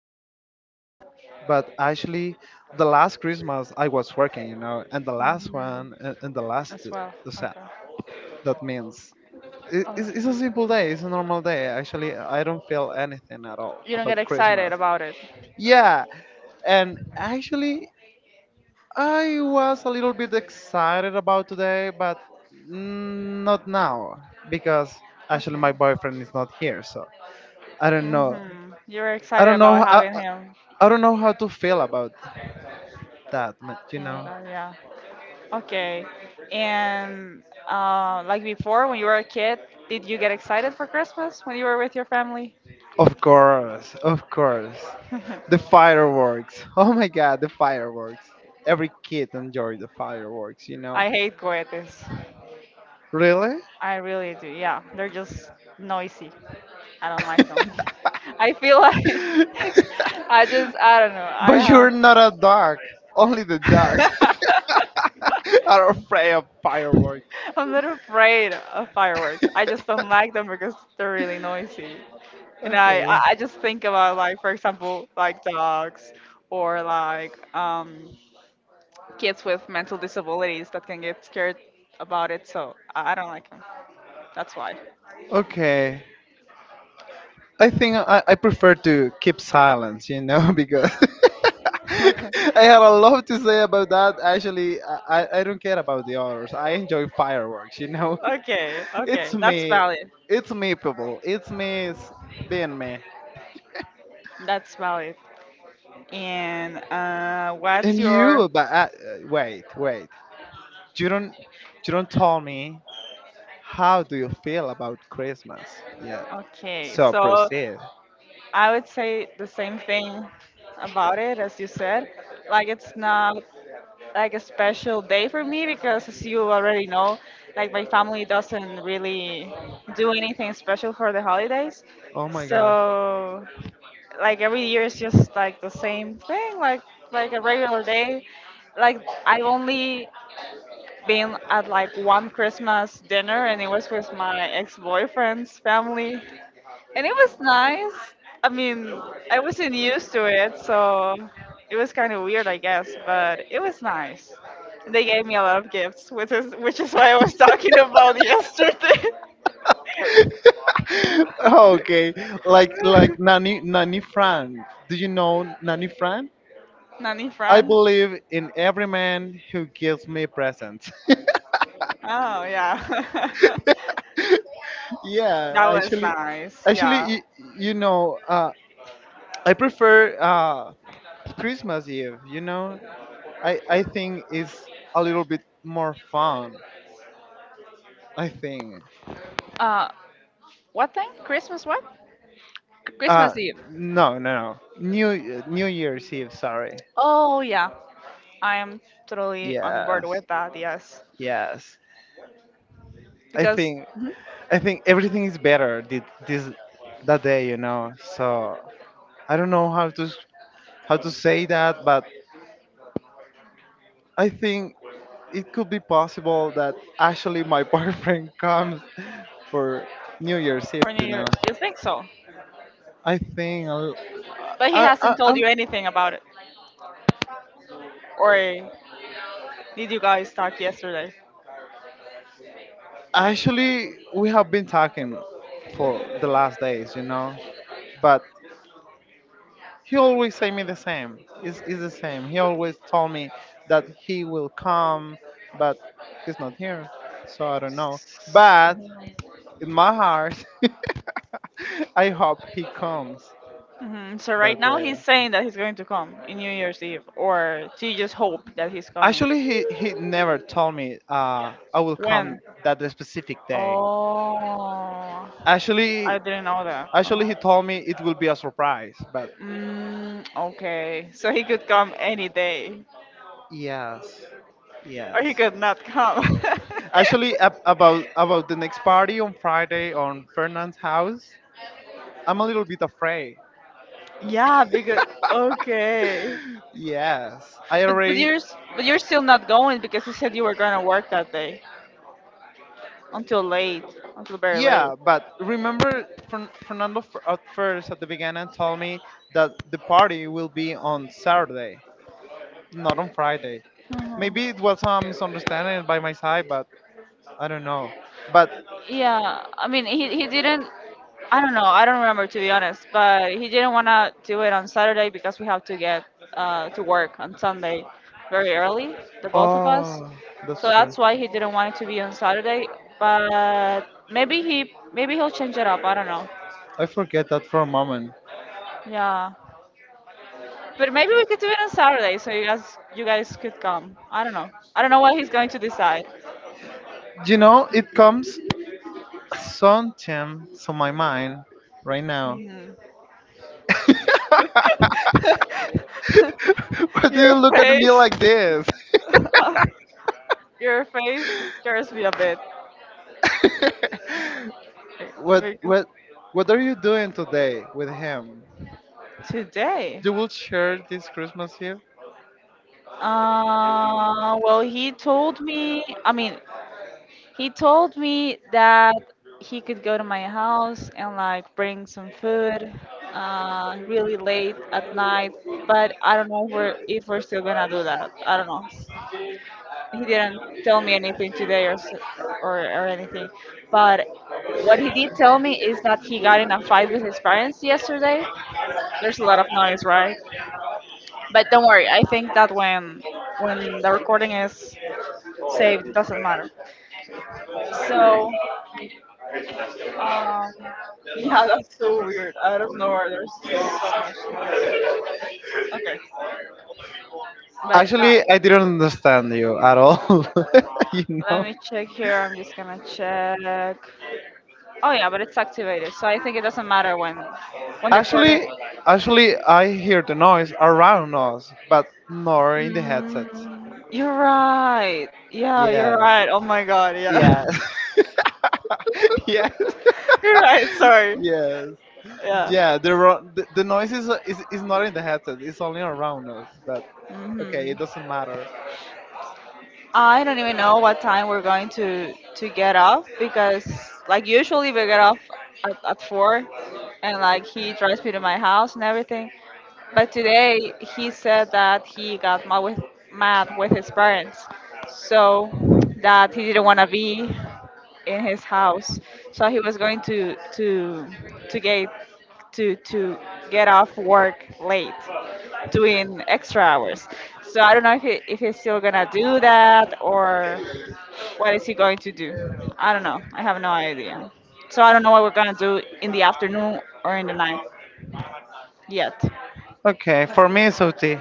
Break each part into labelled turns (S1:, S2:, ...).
S1: exact date, but actually, the last Christmas I was working, you know, and the last
S2: Hmm.
S1: one, and the last,
S2: As well. Okay.
S1: that means. It's a
S2: Okay.
S1: simple day, it's a normal day. Actually, I don't feel anything at all
S2: You don't
S1: about
S2: get excited
S1: Christmas.
S2: about it.
S1: Yeah, and actually, I was a little bit excited about today, but not now because actually
S2: Okay.
S1: my boyfriend is not here, so I don't know.
S2: Hmm. You're
S1: I
S2: excited
S1: don't
S2: about
S1: know. I,
S2: having
S1: I
S2: him.
S1: I don't know how to feel about that. You
S2: Oh,
S1: know.
S2: God, yeah. Okay. And like before, when you were a kid, did you get excited for Christmas when you were with your family?
S1: Of course, of course. The fireworks. Oh my God, the fireworks. Every kid enjoy the fireworks. You know.
S2: I hate cohetes.
S1: Really?
S2: I really do. Yeah, they're just noisy. I don't like them. I feel like I don't know.
S1: But
S2: I
S1: you're not a dog. Only the dogs
S2: have
S1: are afraid of fireworks.
S2: I'm not afraid of fireworks. I just don't like them because they're really noisy. And I
S1: Okay.
S2: I I just think about like for example like dogs or like kids with mental disabilities that can get scared about it. So I don't like them. That's why.
S1: Okay. I think I prefer to keep silence, you know, because I had a lot to say about that. Actually, I don't care about the others. I enjoy fireworks, you know.
S2: Okay, okay,
S1: It's
S2: that's
S1: me.
S2: valid.
S1: It's me, people. Being me.
S2: That's valid. And what's
S1: And
S2: your?
S1: you, but wait, wait. You don't, you don't tell me how do you feel about Christmas yet.
S2: Okay,
S1: So
S2: so
S1: proceed.
S2: I would say the same thing about it as you said. Like it's not like a special day for me because, as you already know, like my family doesn't really do anything special for the holidays.
S1: Oh my god.
S2: So like every year is just like the same thing, like a regular day like I only been at like one Christmas dinner and it was with my ex-boyfriend's family and it was nice. I mean, I wasn't used to it, so it was kind of weird, I guess, but it was nice. They gave me a lot of gifts, which is why I was talking about yesterday.
S1: Okay. Like Nanny Nanny Fran. Do you know Nanny Fran?
S2: Nanny
S1: I
S2: friend.
S1: believe in every man who gives me presents.
S2: Oh yeah. That
S1: Yeah,
S2: was
S1: actually,
S2: nice.
S1: actually
S2: Yeah.
S1: you, you know, I prefer Christmas Eve, you know? I think it's a little bit more fun, I think.
S2: Uh what thing? Christmas what?
S1: Uh,
S2: Christmas Eve.
S1: no, no, no. New Year's Eve. Sorry.
S2: Oh yeah. I am totally on board
S1: Yes,
S2: with that, yes.
S1: yes. I
S2: Because
S1: think
S2: mhm.
S1: I think everything is better this that day. You know. So I don't know how to how to say that, but I think it could be possible that actually my boyfriend comes for New Year's Eve.
S2: For New
S1: You know.
S2: Year's, you think so.
S1: I think I'll,
S2: But he hasn't
S1: I
S2: told
S1: I'm
S2: you anything about it. Or did you guys talk yesterday?
S1: actually we have been talking for the last days. You know, but he always say me the same. It's the same. He always told me that he will come, but he's not here. So I don't know. But in my heart, I hope he comes
S2: Hmm. So
S1: that
S2: right now he's
S1: day.
S2: saying that he's going to come in New Year's Eve. Or do you just hope that he's coming?
S1: Actually, he never told me I will
S2: When?
S1: come that specific day.
S2: Oh,
S1: Actually,
S2: I didn't know that.
S1: actually
S2: Uh-huh.
S1: he told me it will be a surprise. But
S2: Mm, okay, so he could come any day,
S1: yes,
S2: or
S1: yes.
S2: he could not come.
S1: Actually, ab- about about the next party on Friday on Fernand's house. I'm a little bit afraid.
S2: Yeah, because okay.
S1: Yes, I
S2: But
S1: already.
S2: but you're still not going because you said you were gonna work that day until late, until very late.
S1: Yeah, but remember, Fernando at first at the beginning told me that the party will be on Saturday, not on Friday.
S2: Mhm.
S1: Maybe it was a misunderstanding by my side, but I don't know. But
S2: Yeah, I mean he didn't. I don't know. I don't remember to be honest. But he didn't wanna do it on Saturday because we have to get to work on Sunday very early, the both of us.
S1: oh,
S2: So
S1: that's true.
S2: that's why he didn't want it to be on Saturday. But maybe he'll change it up. I don't know.
S1: I forget that for a moment.
S2: Yeah. But maybe we could do it on Saturday, so you guys could come. I don't know. I don't know what he's going to decide.
S1: You know, it comes something to my mind right now.
S2: Mhm.
S1: Why do you
S2: Your
S1: look at me
S2: face,
S1: like this?
S2: your face scares me a bit.
S1: what
S2: Like,
S1: what what are you doing today with him?
S2: today,
S1: You will share this Christmas Eve?
S2: well, he told me. I mean, he told me that he could go to my house and like bring some food really late at night, but I don't know if we're still gonna do that. I don't know. He didn't tell me anything today or anything, but what he did tell me is that he got in a fight with his parents yesterday. There's a lot of noise, right? But don't worry, I think that when the recording is saved, it doesn't matter. So um,
S1: Yeah,
S2: yeah, that's
S1: that's so
S2: so
S1: weird.
S2: weird. Out
S1: Out of
S2: of
S1: nowhere.
S2: nowhere, there's
S1: that's-
S2: just so much noise. Okay, but
S1: Actually, I didn't understand you at all. You
S2: let
S1: know.
S2: me check here. I'm just gonna check. Oh yeah, but it's activated, so I think it doesn't matter when the recording.
S1: Actually, actually, I hear the noise around us, but nor in the headset.
S2: Mm, you're right. Yeah, you're
S1: Yes.
S2: right. Oh my god.
S1: Yeah.
S2: Yeah,
S1: Yeah.
S2: you're right. Sorry.
S1: Yes.
S2: Yeah.
S1: Yeah. The noise is, is not in the headset. It's only around us. But okay,
S2: Hmm.
S1: it doesn't matter.
S2: I don't even know what time we're going to get off because like usually we get off at four and like he drives me to my house and everything. But today he said that he got mad with his parents. So that he didn't wanna be in his house. So he was going to get to get off work late doing extra hours. So I don't know if he's still gonna do that or what is he going to do? I don't know. I have no idea. So I don't know what we're gonna do in the afternoon or in the night yet.
S1: Okay, for me it's OT.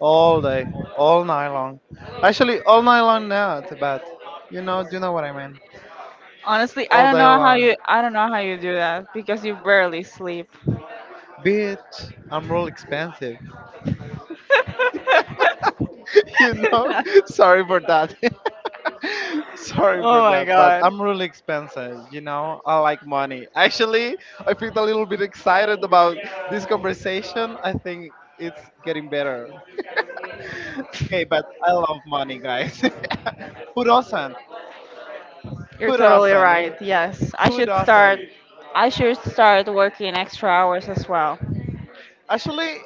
S1: All day, all night long. Actually, all night long, not, but you know, do you know what I mean?
S2: Honestly,
S1: All day long.
S2: I don't know how you do that because you barely sleep.
S1: Bitch, I'm real expensive.
S2: Oh
S1: You know, sorry for that. Sorry for
S2: my
S1: that, but
S2: god.
S1: I'm really expensive. You know, I like money. Actually, I feel a little bit excited about this conversation. I think it's getting better. Okay, but I love money, guys. Who doesn't?
S2: You're
S1: Who
S2: totally right.
S1: doesn't?
S2: Yes.
S1: Who doesn't?
S2: I should start working extra hours as well.
S1: Actually,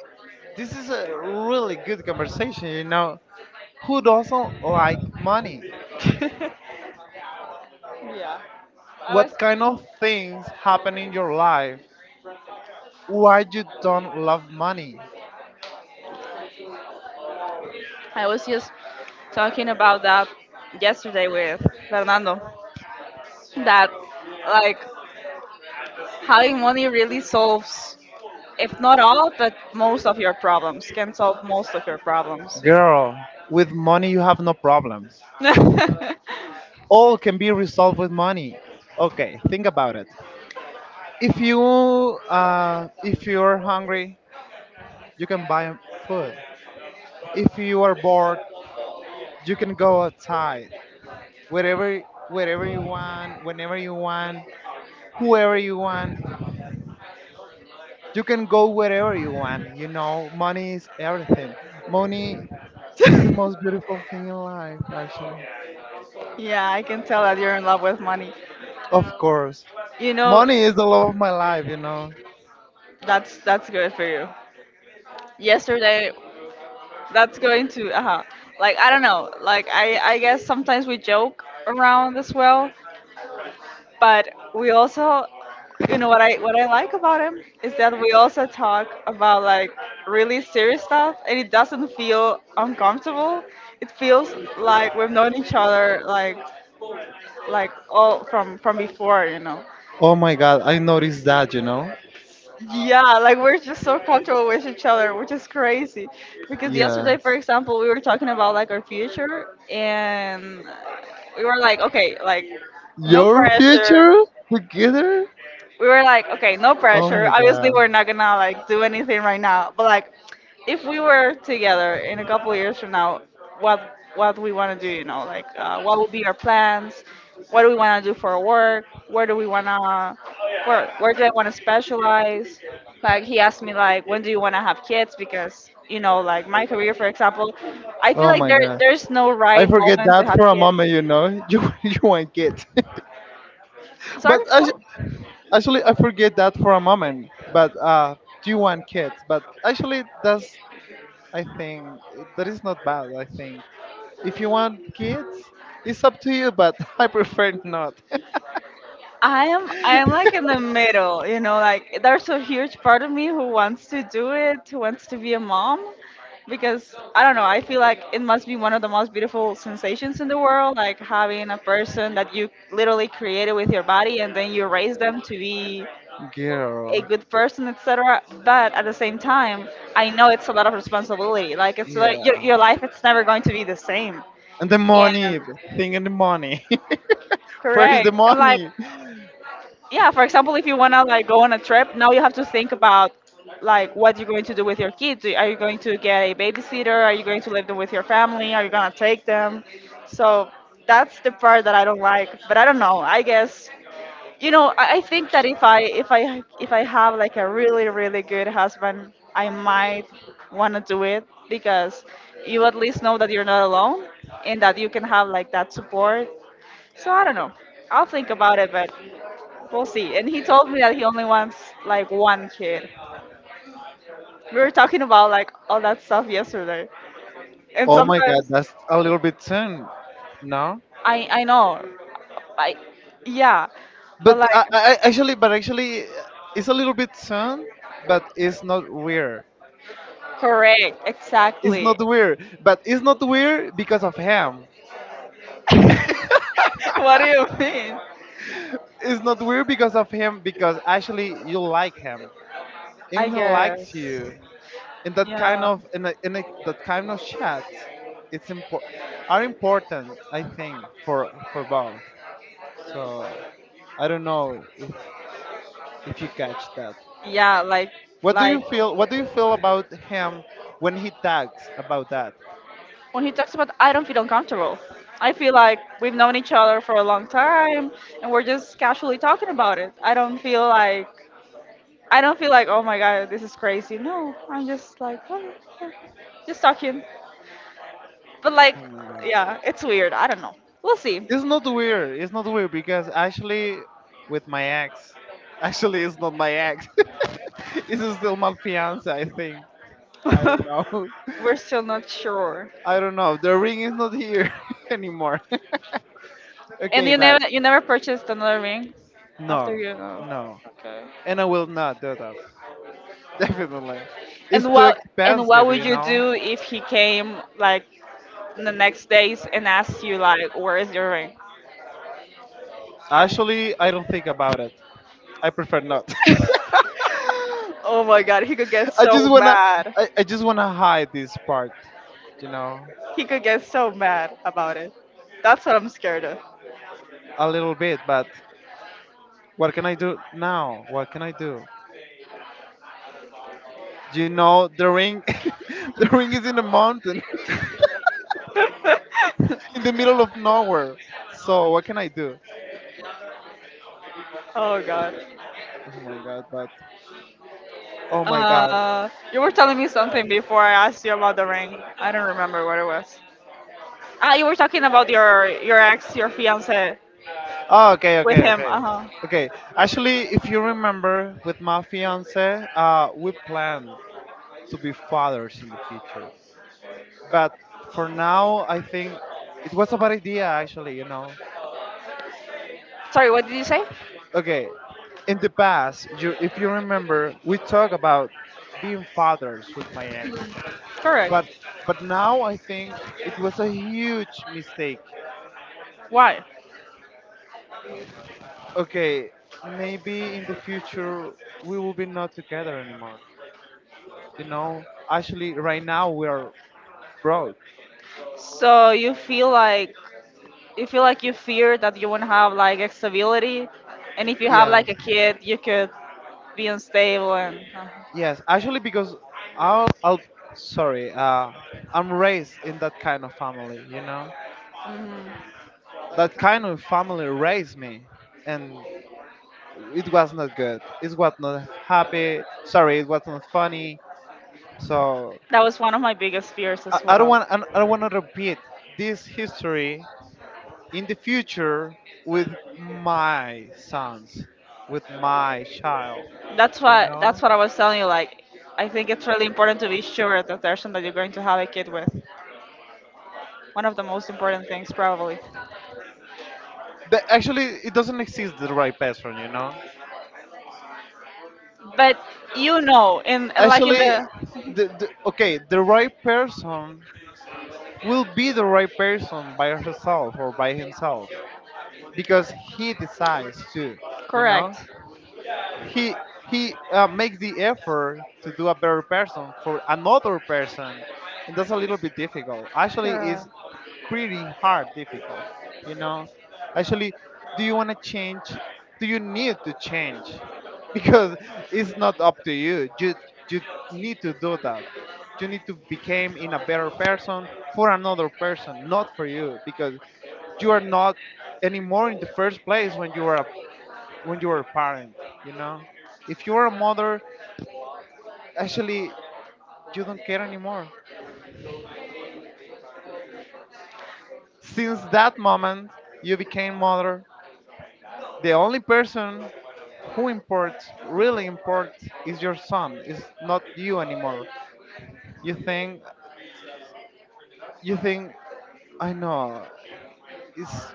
S1: this is a really good conversation. You know, who doesn't like money?
S2: Yeah. I was
S1: What kind of things happen in your life? Why you don't love money?
S2: I was just talking about that yesterday with Fernando. That like having money really solves if not all but most of your problems can solve most of your problems.
S1: Girl, with money you have no problems. All can be resolved with money. Okay, think about it. If you if you're hungry, you can buy food. If you are bored, you can go outside. Wherever wherever you want, whenever you want, whoever you want. You can go wherever you want. You know, money is everything. Money is the most beautiful thing in life, actually.
S2: Yeah, I can tell that you're in love with money,
S1: Of course.
S2: you know.
S1: Money is the love of my life, you know.
S2: That's good for you. Yesterday that's going to like I don't know, like I guess sometimes we joke around as well, but we also, you know, what I like about him is that we also talk about like really serious stuff and it doesn't feel uncomfortable. It feels like we've known each other like all from before, you know.
S1: Oh my god, I noticed that, you know?
S2: Yeah, like we're just so comfortable with each other, which is crazy. Because yesterday,
S1: Yes.
S2: for example, we were talking about like our future and we were like, okay, like no
S1: Your
S2: pressure,
S1: future together?
S2: we were like, okay, no
S1: Oh
S2: pressure.
S1: my
S2: Obviously,
S1: god.
S2: we're not gonna like do anything right now. But like, if we were together in a couple of years from now, what what we want to do, you know, like what would be our plans? What do we want to do for our work? Where do we wanna where do I want to specialize? Like he asked me like, when do you want to have kids? Because you know, like my career, for example, I feel
S1: Oh
S2: like
S1: my god.
S2: there's no
S1: I
S2: right
S1: forget
S2: moment to
S1: that
S2: have
S1: for a moment,
S2: kids.
S1: you know? You want kids. but
S2: Sorry,
S1: actu-
S2: what?
S1: actually, I forget that for a moment. But, do you want kids? But actually, that's I think that is not bad. I think if you want kids, it's up to you, but I prefer not.
S2: I am like in the middle, you know, like there's a huge part of me who wants to do it, who wants to be a mom because I don't know, I feel like it must be one of the most beautiful sensations in the world, like having a person that you literally created with your body and then you raise them to be a
S1: Girl,
S2: good person, etc. But at the same time, I know it's a lot of responsibility. Like it's
S1: yeah,
S2: like your life, it's never going to be the same.
S1: and the
S2: And
S1: money thing and the money. First,
S2: correct,
S1: the
S2: and like
S1: money.
S2: yeah, for example, if you want to like go on a trip, now you have to think about like what you're going to do with your kids. Do- are you going to get a babysitter, are you going to leave them with your family, are you going to take them? So that's the part that I don't like, but I don't know, I guess, you know, I think that if I have like a really really good husband, I might want to do it because you at least know that you're not alone and that you can have like that support. So I don't know, I'll think about it, but we'll see. And he told me that he only wants like one kid. We were talking about like all that stuff yesterday. And
S1: Oh my God,
S2: sometimes
S1: that's a little bit soon. No,
S2: I know. Like yeah.
S1: but
S2: But like
S1: actually, but actually, it's a little bit soon, but it's not weird.
S2: correct,
S1: It's
S2: exactly.
S1: not weird, but it's not weird because of him.
S2: What do you mean?
S1: It's not weird because of him because actually you like him and
S2: I
S1: he
S2: guess.
S1: likes you in that kind
S2: Yeah.
S1: of that kind of chat, it's important, are important, I think, for both. So I don't know if you catch that.
S2: Yeah,
S1: What do you
S2: like
S1: feel, what do you feel about him when he talks about that?
S2: when he talks about I don't feel uncomfortable. I feel like we've known each other for a long time and we're just casually talking about it. I don't feel like, oh my god, this is crazy. No, I'm just like, oh, yeah, just talking. But like,
S1: Oh my god,
S2: yeah, it's weird. I don't know. We'll see.
S1: it's not weird, it's not weird because actually with my ex actually it's not my ex, it's still my fiance, I think. I don't know.
S2: We're still not sure.
S1: I don't know, the ring is not here anymore.
S2: And
S1: Okay, bye.
S2: you never purchased another ring after
S1: No,
S2: you know.
S1: no.
S2: Okay.
S1: And I will not do that. Definitely. It's
S2: And
S1: too
S2: what
S1: expensive,
S2: would
S1: you
S2: you
S1: know.
S2: do if he came like the next days and asked you like, where is your ring?
S1: Actually, I don't think about it. I prefer not.
S2: Oh my god, he could get
S1: I just
S2: so
S1: wanna
S2: mad.
S1: I just wanna hide this part, you know,
S2: He could get so mad about it. That's what I'm scared of.
S1: a little bit, but what can I do now? What can I do? You know, the ring, the ring is in a mountain, in the middle of nowhere. So what can I do?
S2: Oh god.
S1: Oh my god, but oh my god.
S2: You were telling me something before I asked you about the ring. I don't remember what it was. Ah, you were talking about your ex, your fiance,
S1: Oh, okay,
S2: with
S1: okay,
S2: him.
S1: okay.
S2: Uh huh.
S1: Okay. Actually, if you remember, with my fiance, we plan to be fathers in the future. But for now, I think it was a bad idea, actually, you know.
S2: Sorry, what did you say?
S1: Okay. In the past, you, if you remember, we talk about being fathers with my ex.
S2: Correct.
S1: But but now I think it was a huge mistake.
S2: Why?
S1: Okay, maybe in the future we will be not together anymore. You know, actually, right now we are broke.
S2: So you feel like you fear that you won't have like a stability, and if you have like a
S1: Yes,
S2: kid, you could be unstable and.
S1: yes. Actually, because I'll sorry, I'm raised in that kind of family, you know?
S2: Mhm.
S1: That kind of family raised me, and it was not good. It was not happy. Sorry, it was not funny. So
S2: That was one of my biggest fears as well.
S1: I don't want to repeat this history in the future with my sons, with my child,
S2: that's
S1: you
S2: what
S1: know?
S2: that's what I was telling you. Like, I think it's really important to be sure of the person that you're going to have a kid with. One of the most important things, probably.
S1: The actually it doesn't exist, the right person, you know,
S2: But you know, in like in
S1: actually
S2: the
S1: the okay, the right person will be the right person by herself or by himself because he decides to, you know,
S2: correct,
S1: he he makes the effort to do a better person for another person, and that's a little bit difficult, actually, is pretty hard, difficult. You know, actually, do you want to change? Do you need to change? Because it's not up to you. You need to do that. You need to become in a better person for another person, not for you, because you are not anymore in the first place when you are a, when you are a parent. You know, if you are a mother, actually, you don't care anymore. Since that moment, you became mother. The only person who imports, really imports, is your son. It's not you anymore. You think you think I know, it's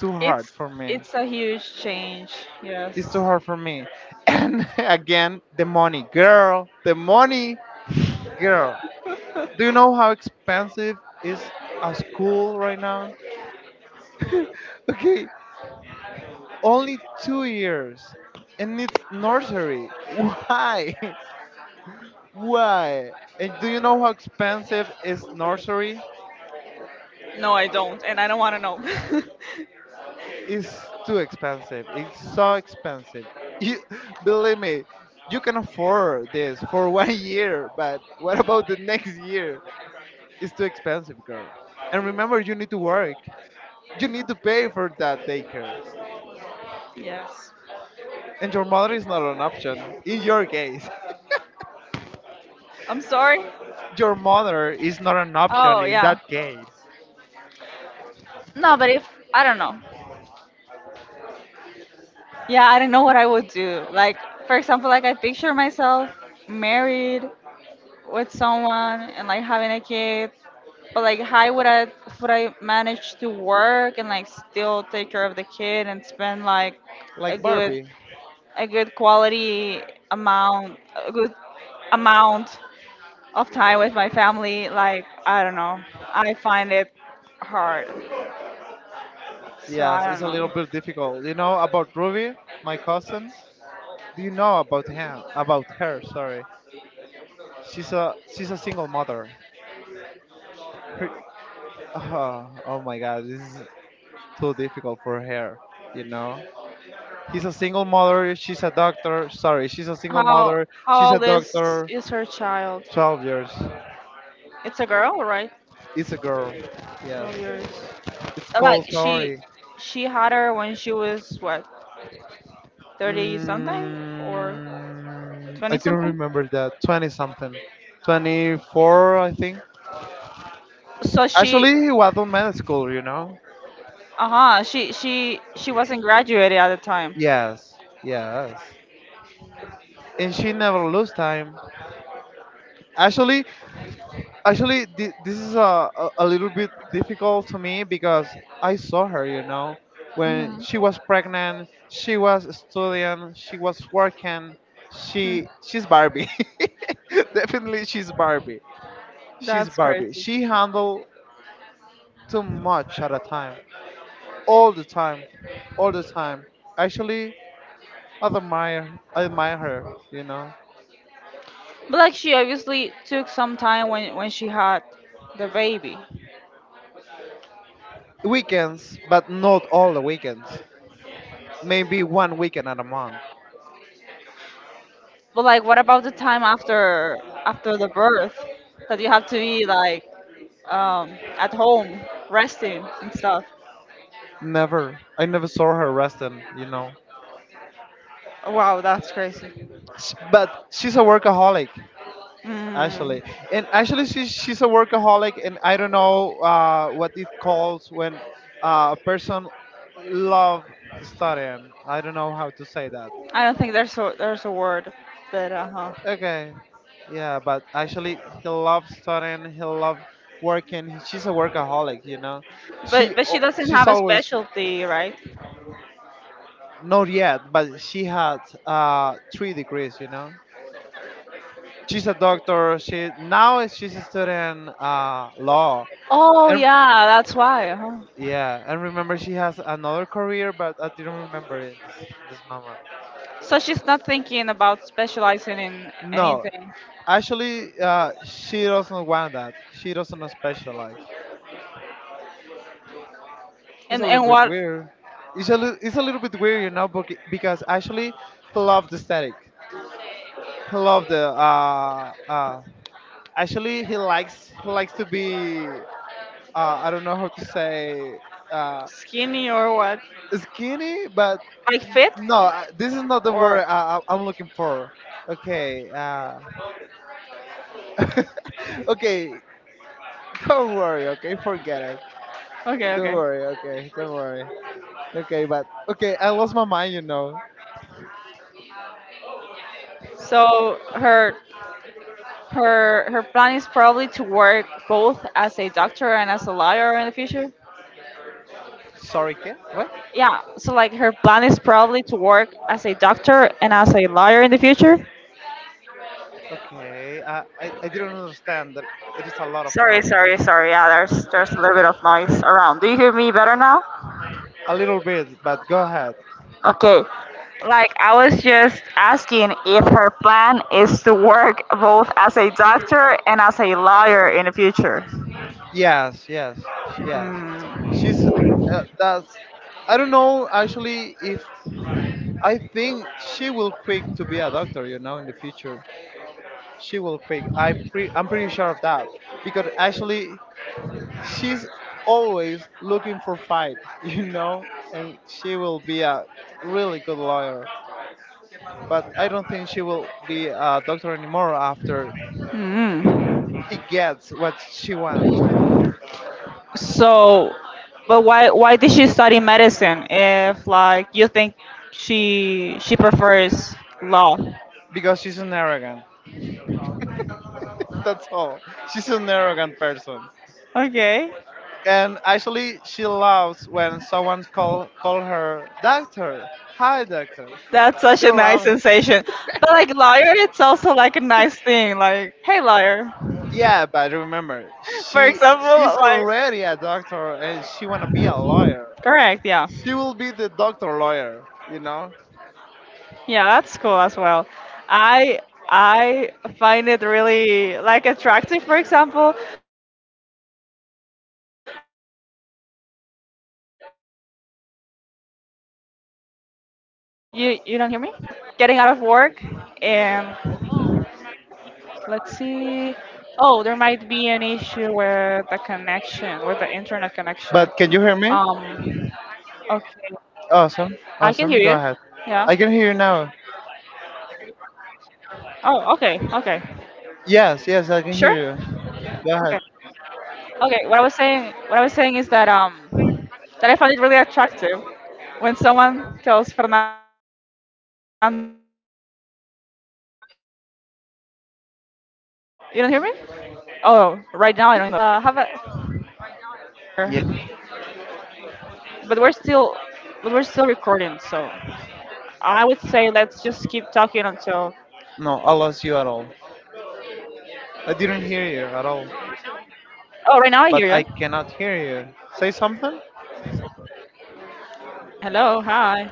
S1: too hard
S2: it's
S1: for me.
S2: a huge change.
S1: It's too
S2: Yes.
S1: hard for me. And again, the money, girl, the money, girl, do you know how expensive is a school right now? Okay, only 2 years and it's nursery, why? Why? And do you know how expensive is nursery?
S2: No, I don't, and I don't want to know.
S1: It's too expensive. It's so expensive. You believe me, you can afford this for 1 year, but what about the next year? It's too expensive, girl. And remember, you need to work. You need to pay for that daycare.
S2: Yes.
S1: And your mother is not an option in your case.
S2: I'm sorry.
S1: Your mother is not an option
S2: Oh
S1: in
S2: yeah.
S1: that case.
S2: No, but if I don't know. Yeah, I don't know what I would do. Like, for example, like I picture myself married with someone and like having a kid. But like, how would I manage to work and like still take care of the kid and spend like a
S1: Like
S2: good
S1: Barbie.
S2: a good quality amount a good amount of time with my family? Like, I don't know. I find it hard. So
S1: Yes,
S2: I
S1: it's a
S2: don't
S1: little
S2: know.
S1: bit difficult. You know about Ruby, my cousin? Do you know about him? About her, sorry. She's a single mother. Her, oh, oh my god, this is too difficult for her. You know, he's a single mother. She's a doctor. Sorry, she's a single
S2: How
S1: mother.
S2: how
S1: She's a
S2: old is
S1: doctor.
S2: is her child?
S1: 12 years.
S2: It's a girl, right?
S1: It's a girl. Yes.
S2: Twelve years.
S1: It's
S2: Like
S1: called
S2: she
S1: sorry.
S2: she had her when she was what, thirty something or
S1: I
S2: twenty
S1: don't
S2: something.
S1: remember that. 20 something. 24, I think.
S2: So she,
S1: Actually, he was on med school. You know.
S2: uh huh, she wasn't graduated at the time.
S1: Yes. Yes. And she never lose time. Actually, this is a little bit difficult to me because I saw her, you know, when
S2: Hmm.
S1: she was pregnant, she was studying, she was working. she
S2: Hmm.
S1: she's Barbie. Definitely she's Barbie, she's
S2: That's
S1: Barbie.
S2: crazy.
S1: She handled too much at a time, all the time, all the time. Actually, I admire her, you know.
S2: But like she obviously took some time when she had the baby.
S1: Weekends, but not all the weekends. Maybe one weekend at a month.
S2: But like what about the time after the birth that you have to be like at home resting and stuff?
S1: Never. I never saw her resting, you know.
S2: Wow, that's crazy.
S1: But she's a workaholic,
S2: Mm,
S1: actually. And actually, she's a workaholic, and I don't know what it calls when a person love studying. I don't know how to say that.
S2: I don't think there's a word, but uh huh.
S1: Okay. Yeah, but actually, he loves studying. He loves working. She's a workaholic, you know. She
S2: But she
S1: al-
S2: doesn't
S1: she's
S2: have a
S1: always
S2: specialty, right?
S1: not yet, but she had 3 degrees, you know. She's a doctor. She now she's studying law.
S2: Oh
S1: And
S2: yeah, that's why. Huh?
S1: yeah, and remember, she has another career, but I didn't remember it this, this moment.
S2: So she's not thinking about specializing in
S1: No,
S2: anything.
S1: actually, she doesn't want that. She doesn't specialize. It's a
S2: And
S1: little
S2: and
S1: bit
S2: what,
S1: weird. It's a little bit weird, you know, because actually he loves the static. He loves the Actually, he likes to be, uh, I don't know how to say, uh,
S2: skinny or what?
S1: skinny, but
S2: Like fit
S1: no, this is not the word
S2: or
S1: I'm looking for. Okay. Okay. Don't worry. Okay, forget it.
S2: okay
S1: Don't
S2: okay.
S1: worry. Okay, don't worry. Okay, but okay, I lost my mind. You know.
S2: So her plan is probably to work both as a doctor and as a lawyer in the future.
S1: Sorry, kid. What?
S2: Yeah. So like her plan is probably to work as a doctor and as a lawyer in the future.
S1: Okay. I didn't understand that. There is a lot of
S2: Sorry,
S1: noise.
S2: sorry, sorry. Yeah, there's a little bit of noise around. Do you hear me better now?
S1: A little bit, but go ahead.
S2: Okay. Like I was just asking if her plan is to work both as a doctor and as a lawyer in the future.
S1: Yes, yes, yes. She's, that's. I don't know actually if I think she will quick to be a doctor. You know, in the future. She will quit. I'm pretty sure of that, because actually she's always looking for fight, you know, and she will be a really good lawyer. But I don't think she will be a doctor anymore after
S2: Mm.
S1: he gets what she wants,
S2: So, but why did she study medicine if like you think she prefers law?
S1: because she's an arrogant. That's all. She's an arrogant person.
S2: Okay,
S1: And actually, she loves when someone call her doctor. Hi, doctor.
S2: that's such
S1: She
S2: a nice
S1: loves.
S2: sensation. But like lawyer, it's also like a nice thing. Like, hey, lawyer.
S1: Yeah, but remember,
S2: For
S1: she
S2: example,
S1: she's
S2: like
S1: already a doctor and she wanna be a lawyer.
S2: correct,
S1: She will be the doctor lawyer, you know.
S2: yeah, that's cool as well. I I find it really like attractive. For example, when we're getting out of work and you don't hear me, you don't hear me at all. Let's see. Oh, there might be an issue with the connection, with the internet connection. Um,
S1: But can you
S2: okay,
S1: hear me?
S2: I can hear you. Yeah.
S1: Awesome, awesome. Go ahead. I can hear you now.
S2: Oh, okay. Sure.
S1: Yes,
S2: Okay.
S1: yes, I can hear you.
S2: Okay,
S1: Go ahead.
S2: what I was saying is that that I found it really attractive when someone tells Fernando, like, have
S1: Te
S2: a,
S1: perdí otra vez. Can
S2: you don't
S1: you
S2: hear
S1: hear
S2: me?
S1: me?
S2: Oh, right now I don't hear you. Yeah, I'm not sure,
S1: Yes, I lost connection.
S2: but we're still recording, so I would say let's just keep talking until.
S1: No, I lost you at all. I didn't hear you at all.
S2: Oh, right now I hear you.
S1: But I cannot hear you. Say something.
S2: Hello, hi.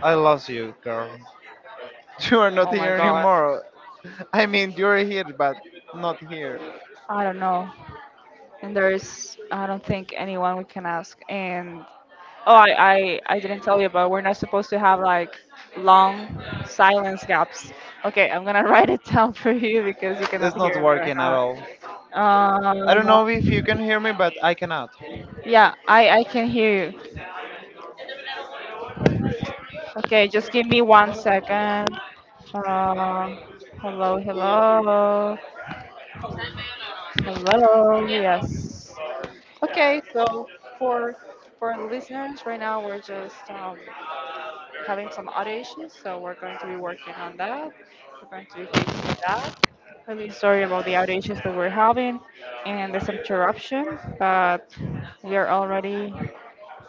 S1: I lost you, girl.
S2: Oh my
S1: You are
S2: God.
S1: not here anymore. I mean, you're here, but not here.
S2: I don't know. And there is, I don't think anyone we can ask. And oh, I didn't tell you, but we're not supposed to have like long silence gaps. Okay, I'm gonna write it down for you because you cannot
S1: It's not
S2: hear me right
S1: working at
S2: now.
S1: all. I don't
S2: Uh,
S1: know if you can hear me, but I cannot.
S2: yeah, I can hear you. Okay, just give me one second. Uh, hello, hello. Yes. Okay, so for for listeners, right now we're just having some audio issues, so we're going to be working on that. We're going to be fixing that. Really sorry about the outages that we're having and this interruption, but we are already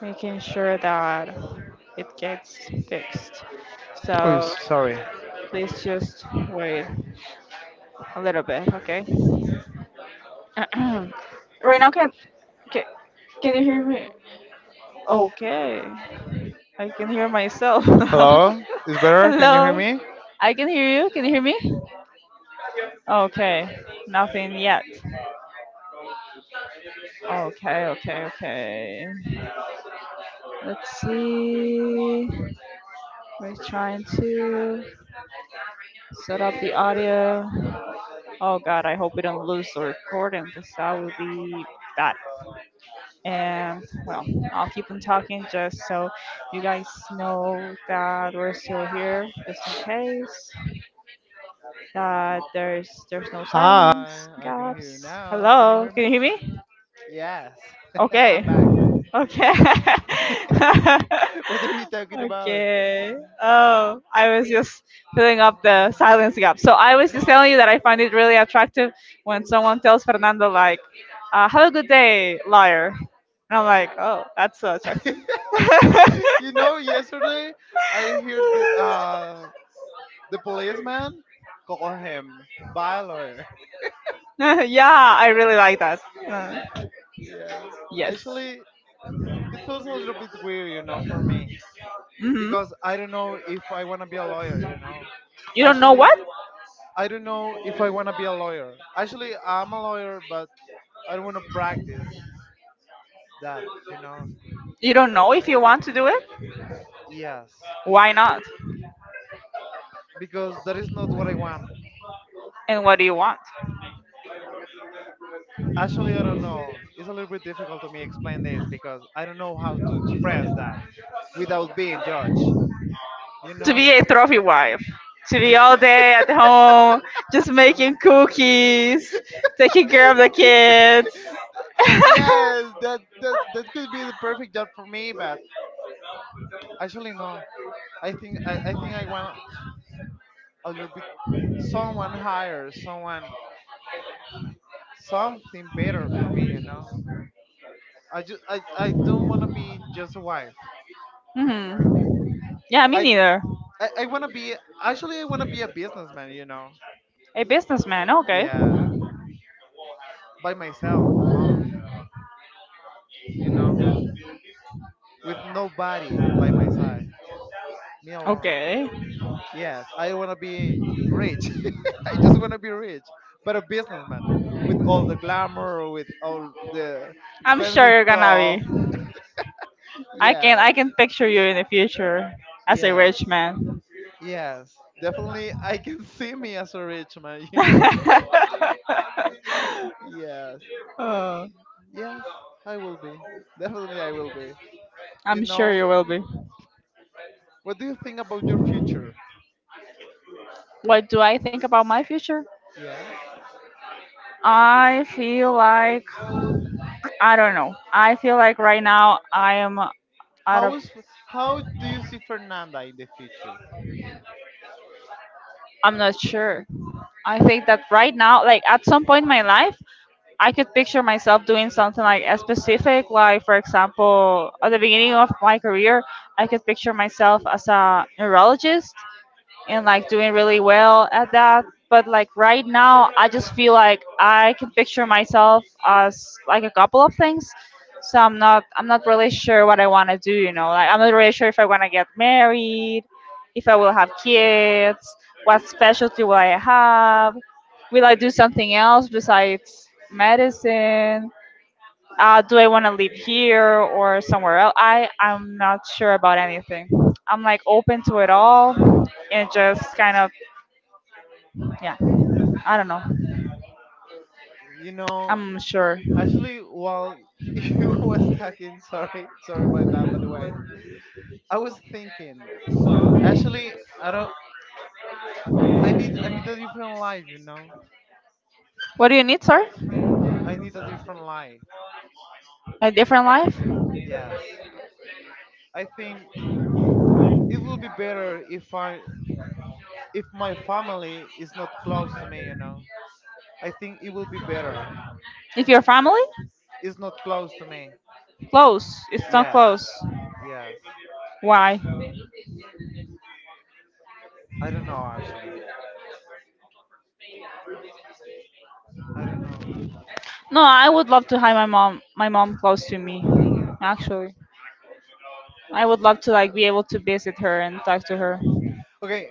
S2: making sure that it gets fixed.
S1: Oh,
S2: So
S1: sorry.
S2: please just wait a little bit, okay?
S3: Right
S2: Right
S3: now,
S2: now,
S3: can can, can you
S2: can
S3: hear me? Okay, I can hear myself now.
S1: Hello? Is better? Can you hear
S3: Hello,
S1: me?
S3: I can hear you. Can you hear me? Okay, nothing yet. Okay. Let's see. We're trying to set up the audio. Oh god, I hope we don't lose the recording because that would be bad. And well, I'll keep on talking just so you guys know that we're still here, just in case, that there's no silence
S4: Hi, I can hear
S3: gaps.
S4: you now. Can you
S3: Hello,
S4: hear
S3: can
S4: me?
S3: you hear me?
S4: Yes,
S3: Okay,
S4: I'm back.
S3: okay,
S4: What are you talking about?
S3: okay. Oh, I was just filling up the silence gap. So I was just telling you that I find it really attractive when someone tells Fernando "Have a good day, liar," and I'm like, "Oh, that's so attractive."
S4: Yesterday I heard the policeman call him Baylor.
S3: Yeah, I really like that. Uh,
S4: Yeah,
S3: yes.
S4: actually, it feels a little bit weird, for me
S3: Mm-hmm.
S4: because I don't know if I want to be a lawyer,
S3: You don't know
S4: Actually,
S3: what?
S4: I don't know if I want to be a lawyer. Actually, I'm a lawyer, but I don't want to practice that, you know.
S3: You don't know if you want to do it?
S4: Yes,
S3: Why not?
S4: because that is not what I want.
S3: And what do you want?
S4: Actually, I don't know. It's a little bit difficult to me explain this because I don't know how to express that without being judged. You
S3: To
S4: know?
S3: be a trophy wife. To be all day at home, just making cookies, taking care of the kids.
S4: Yes, that could be the perfect job for me, but actually no. I think I want a little bit someone higher, someone something better for me. You know? I don't want to be just a wife.
S3: Hmm. Yeah, me
S4: I j-
S3: neither.
S4: I want to be, actually I want to be a businessman. You know?
S3: A businessman, okay.
S4: Yeah, by myself alone, you know, with nobody by my side, me alone.
S3: Okay.
S4: Yes, I want to be rich. I just want to be rich, but a businessman with all the glamour, with all the
S3: I'm sure
S4: expensive
S3: you're gonna
S4: stuff.
S3: be. I can
S4: Yes,
S3: I can picture you in the future as a
S4: yes,
S3: rich man.
S4: yes. Definitely, I can see me as a rich man, you know? Yes,
S3: Oh,
S4: yes, I will be. Definitely, I will be. You
S3: I'm sure
S4: know,
S3: you will be.
S4: what do you think about your future?
S3: What do I think about my future?
S4: Yes.
S3: I feel like I don't know. I feel like right now I am out
S4: How
S3: of—
S4: is how do you see Fernanda in the future?
S3: I'm not sure. I think that right now, like, at some point in my life I could picture myself doing something like a specific, like, for example, at the beginning of my career I could picture myself as a neurologist and like doing really well at that. But like right now, I just feel like I can picture myself as like a couple of things. So I'm not really sure what I want to do. You know, like I'm not really sure if I want to get married, if I will have kids, what specialty will I have, will I do something else besides medicine? Do I want to live here or somewhere else? I'm not sure about anything. I'm like open to it all, and just kind of yeah. I don't know.
S4: You know,
S3: I'm sure.
S4: actually, while you was talking, sorry, sorry about that. By the way, I was thinking. Actually, I don't. I need. I need a different life. You know,
S3: What do you need, sir?
S4: I need a different life.
S3: A different life?
S4: Yes, I think it will be better if my family is not close to me. You know, I think it will be better.
S3: If your family?
S4: It's not close to me.
S3: Close. It's not
S4: Yes,
S3: close.
S4: yes.
S3: Why?
S4: I don't know actually. I don't know.
S3: No, I would love to have my mom close to me. Actually, I would love to like be able to visit her and talk to her.
S4: Okay,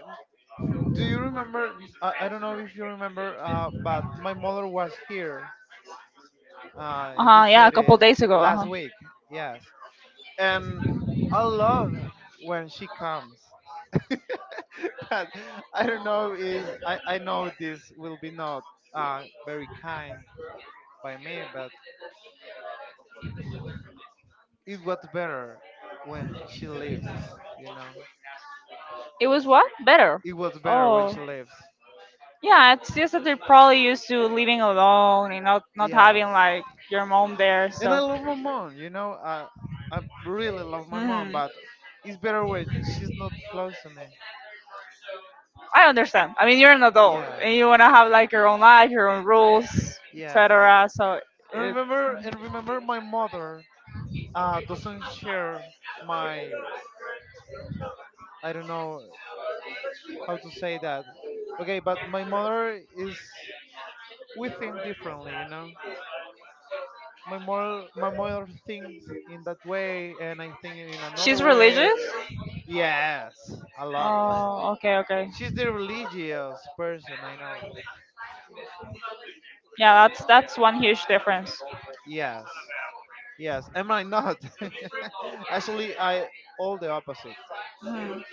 S4: do you remember? I don't know if you remember, but my mother was here,
S3: Uh
S4: in
S3: huh.
S4: this
S3: Yeah, a
S4: city
S3: couple days ago. Uh
S4: last
S3: huh.
S4: week. Yes, and I love when she comes. But I don't know, is I know this will be not, very kind by me, but it was better when she leaves, you know.
S3: It was what better?
S4: It was better when
S3: Oh,
S4: she leaves.
S3: yeah, it's just that they're probably used to living alone and not having
S4: Yes,
S3: like your mom there.
S4: and I
S3: So
S4: love my mom. You know, I really love my mom,
S3: mhm.
S4: but it's better when she's not close to me.
S3: I understand. I mean, you're an adult
S4: Yes,
S3: and you wanna have like your own life, your own rules,
S4: yes.
S3: etc. So
S4: And
S3: it—
S4: remember, and remember, my mother, doesn't share my. I don't know how to say that. Okay, but my mother is. We think differently, you know. My mother thinks in that way, and I think in another
S3: she's
S4: way.
S3: religious.
S4: Yes, a lot.
S3: Oh, okay, okay.
S4: She's the religious person I know.
S3: Yeah, that's one huge difference.
S4: Yes. Yes. Am I not? Actually, I, all the opposite.
S3: Mhm.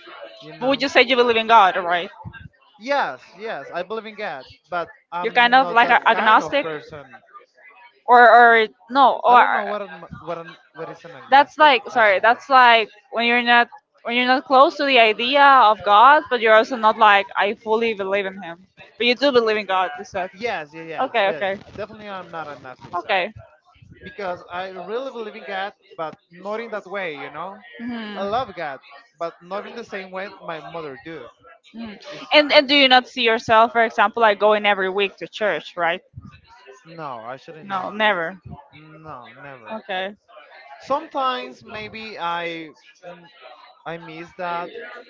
S4: You
S3: But would
S4: know.
S3: you say you believe in God, right?
S4: Yes. Yes. I believe in God, but
S3: You're kind
S4: I'm
S3: of
S4: not
S3: like
S4: that
S3: a
S4: kind of
S3: agnostic,
S4: person.
S3: or no,
S4: I don't
S3: or
S4: know what is an
S3: that's
S4: agnostic
S3: like— sorry,
S4: actually.
S3: that's like when you're not— when you're not close to the idea of god, but you're also not like I fully believe in him, but you do believe in god, you said?
S4: Yes. Yes. Yes.
S3: Okay,
S4: Yes.
S3: okay,
S4: Definitely, I'm not agnostic, sir.
S3: okay.
S4: Because I really believe in God, but not in that way. You know. I
S3: Hmm.
S4: love God, but not in the same way my mother do.
S3: Hmm.
S4: It's
S3: and
S4: a,
S3: and do you not see yourself, for example, like going every week to church, right?
S4: no. I shouldn't
S3: No,
S4: know.
S3: never?
S4: No. Never.
S3: Okay.
S4: Sometimes maybe I, mm, I miss that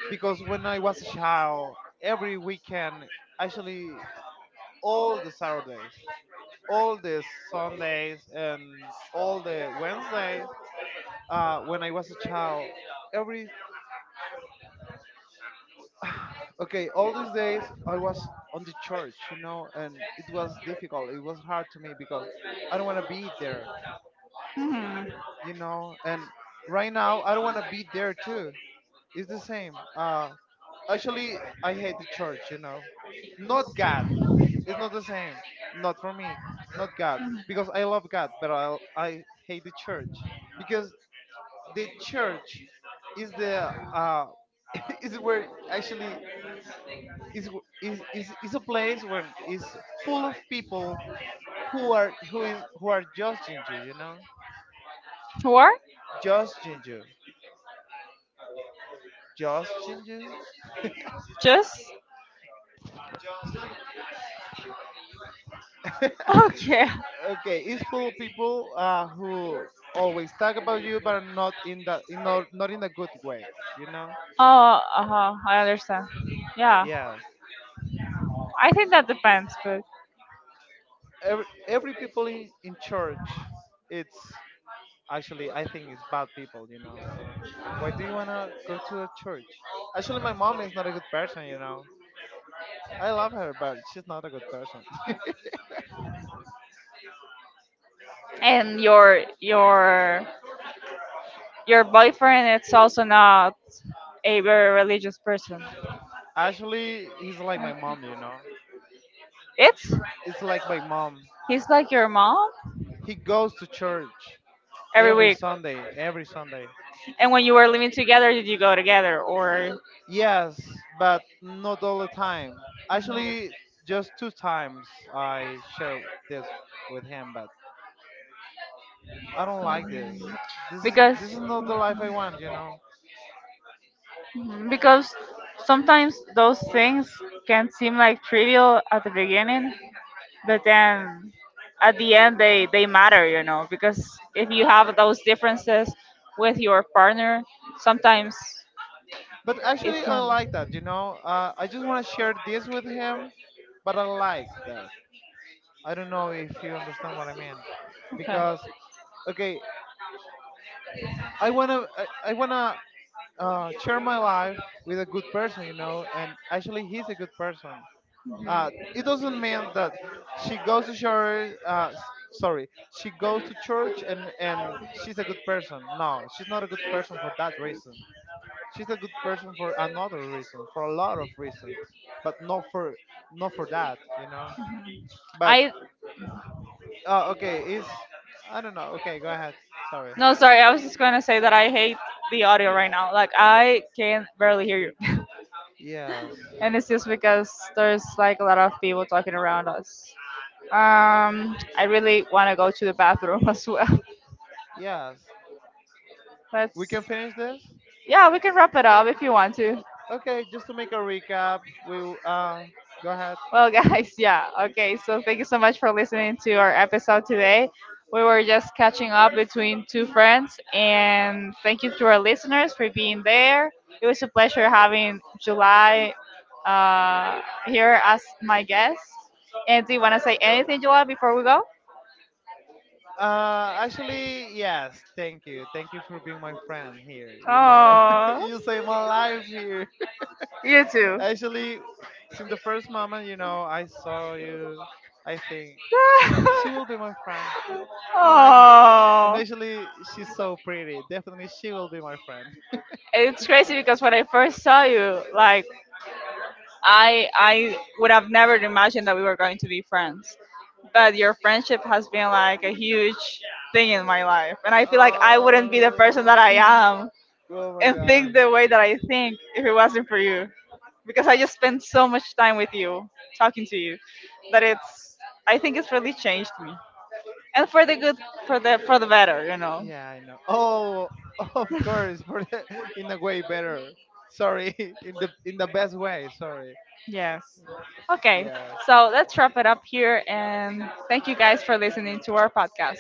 S4: because when I was a child, every weekend, actually all the Saturdays, all the Sundays, and all the Wednesdays, when I was a child, every okay, all these days I was on the church, you know, and it was difficult, it was hard to me because I don't want to be there,
S3: Hmm.
S4: you know. And right now I don't want to be there too, it's the same. Actually, I hate the church, you know. Not God. It's not the same. Not for me. Not God. Because I love God, but I hate the church. Because the church is the is where actually is is a place when is full of people who are judging you, you know?
S3: What?
S4: Judging you. Judging you.
S3: Just okay.
S4: Okay, it's full of people, who always talk about you but not in that in not, not in a good way, you know.
S3: Oh, uh-huh, I understand. Yeah,
S4: Yes,
S3: I think that depends, but—
S4: every people in church it's, actually I think it's bad people, you know. Why do you want to go to a church? Actually my mom is not a good person, you know. I love her but she's not a good person.
S3: and your your boyfriend is also not a very religious person.
S4: Actually he's like my mom, you know.
S3: It's—
S4: It's like my mom.
S3: he's like your mom
S4: He goes to church
S3: every
S4: every
S3: week.
S4: sunday every sunday
S3: And when you were living together, did you go together or—
S4: Yes, but not all the time. Actually, just two times I share this with him, but I don't like this. This is
S3: because,
S4: this is not the life I want, you know.
S3: mm-hmm, because sometimes those things can seem like trivial at the beginning, but then at the end they matter, you know, because if you have those differences with your partner, sometimes
S4: But
S3: it
S4: actually, I
S3: can—
S4: like that, you know. I just want to share this with him, but I like that. I don't know if you understand what I mean, because
S3: okay.
S4: okay, I wanna, share my life with a good person, you know, and actually he's a good person. It doesn't mean that she goes to church. Sorry, she goes to church and she's a good person. No, she's not a good person for that reason. She's a good person for another reason, for a lot of reasons, but not for, not for that, you know. But,
S3: I—
S4: okay, is, I don't know. Okay, go ahead. Sorry.
S3: no, sorry. I was just going to say that I hate the audio right now. Like I can barely hear you,
S4: Yes,
S3: and it's just because there's like a lot of people talking around us. I really want to go to the bathroom as well.
S4: yes. We
S3: Let's—
S4: can finish this.
S3: yeah, we can wrap it up if you want to.
S4: Okay, just to make a recap, we go ahead.
S3: Well, guys, yeah. Okay, so thank you so much for listening to our episode today. We were just catching up between two friends, and thank you to our listeners for being there. It was a pleasure having July uh, here as my guest. And do you want to say anything, July, before we go?
S4: Actually, yes. Thank you. Thank you for being my friend here. You know,
S3: Oh,
S4: you saved my life here.
S3: you too.
S4: Actually, since the first moment, you know, I saw you, I think she will be my friend. I like her. And
S3: Oh,
S4: actually, she's so pretty. Definitely, she will be my friend.
S3: it's crazy because when I first saw you, like I would have never imagined that we were going to be friends, but your friendship has been like a huge thing in my life. And I feel like I wouldn't be the person
S4: Oh,
S3: that I am
S4: oh my
S3: and
S4: god.
S3: think the way that I think if it wasn't for you. Because I just spent so much time with you, talking to you, that it's— I think it's really changed me. And for the good, for the better, you know.
S4: Yeah, I know. Oh, of course, for the, in a way better. Sorry, in the best way. Sorry.
S3: Yes. Okay. So
S4: Yes.
S3: let's wrap it up here and thank you guys for listening to our podcast.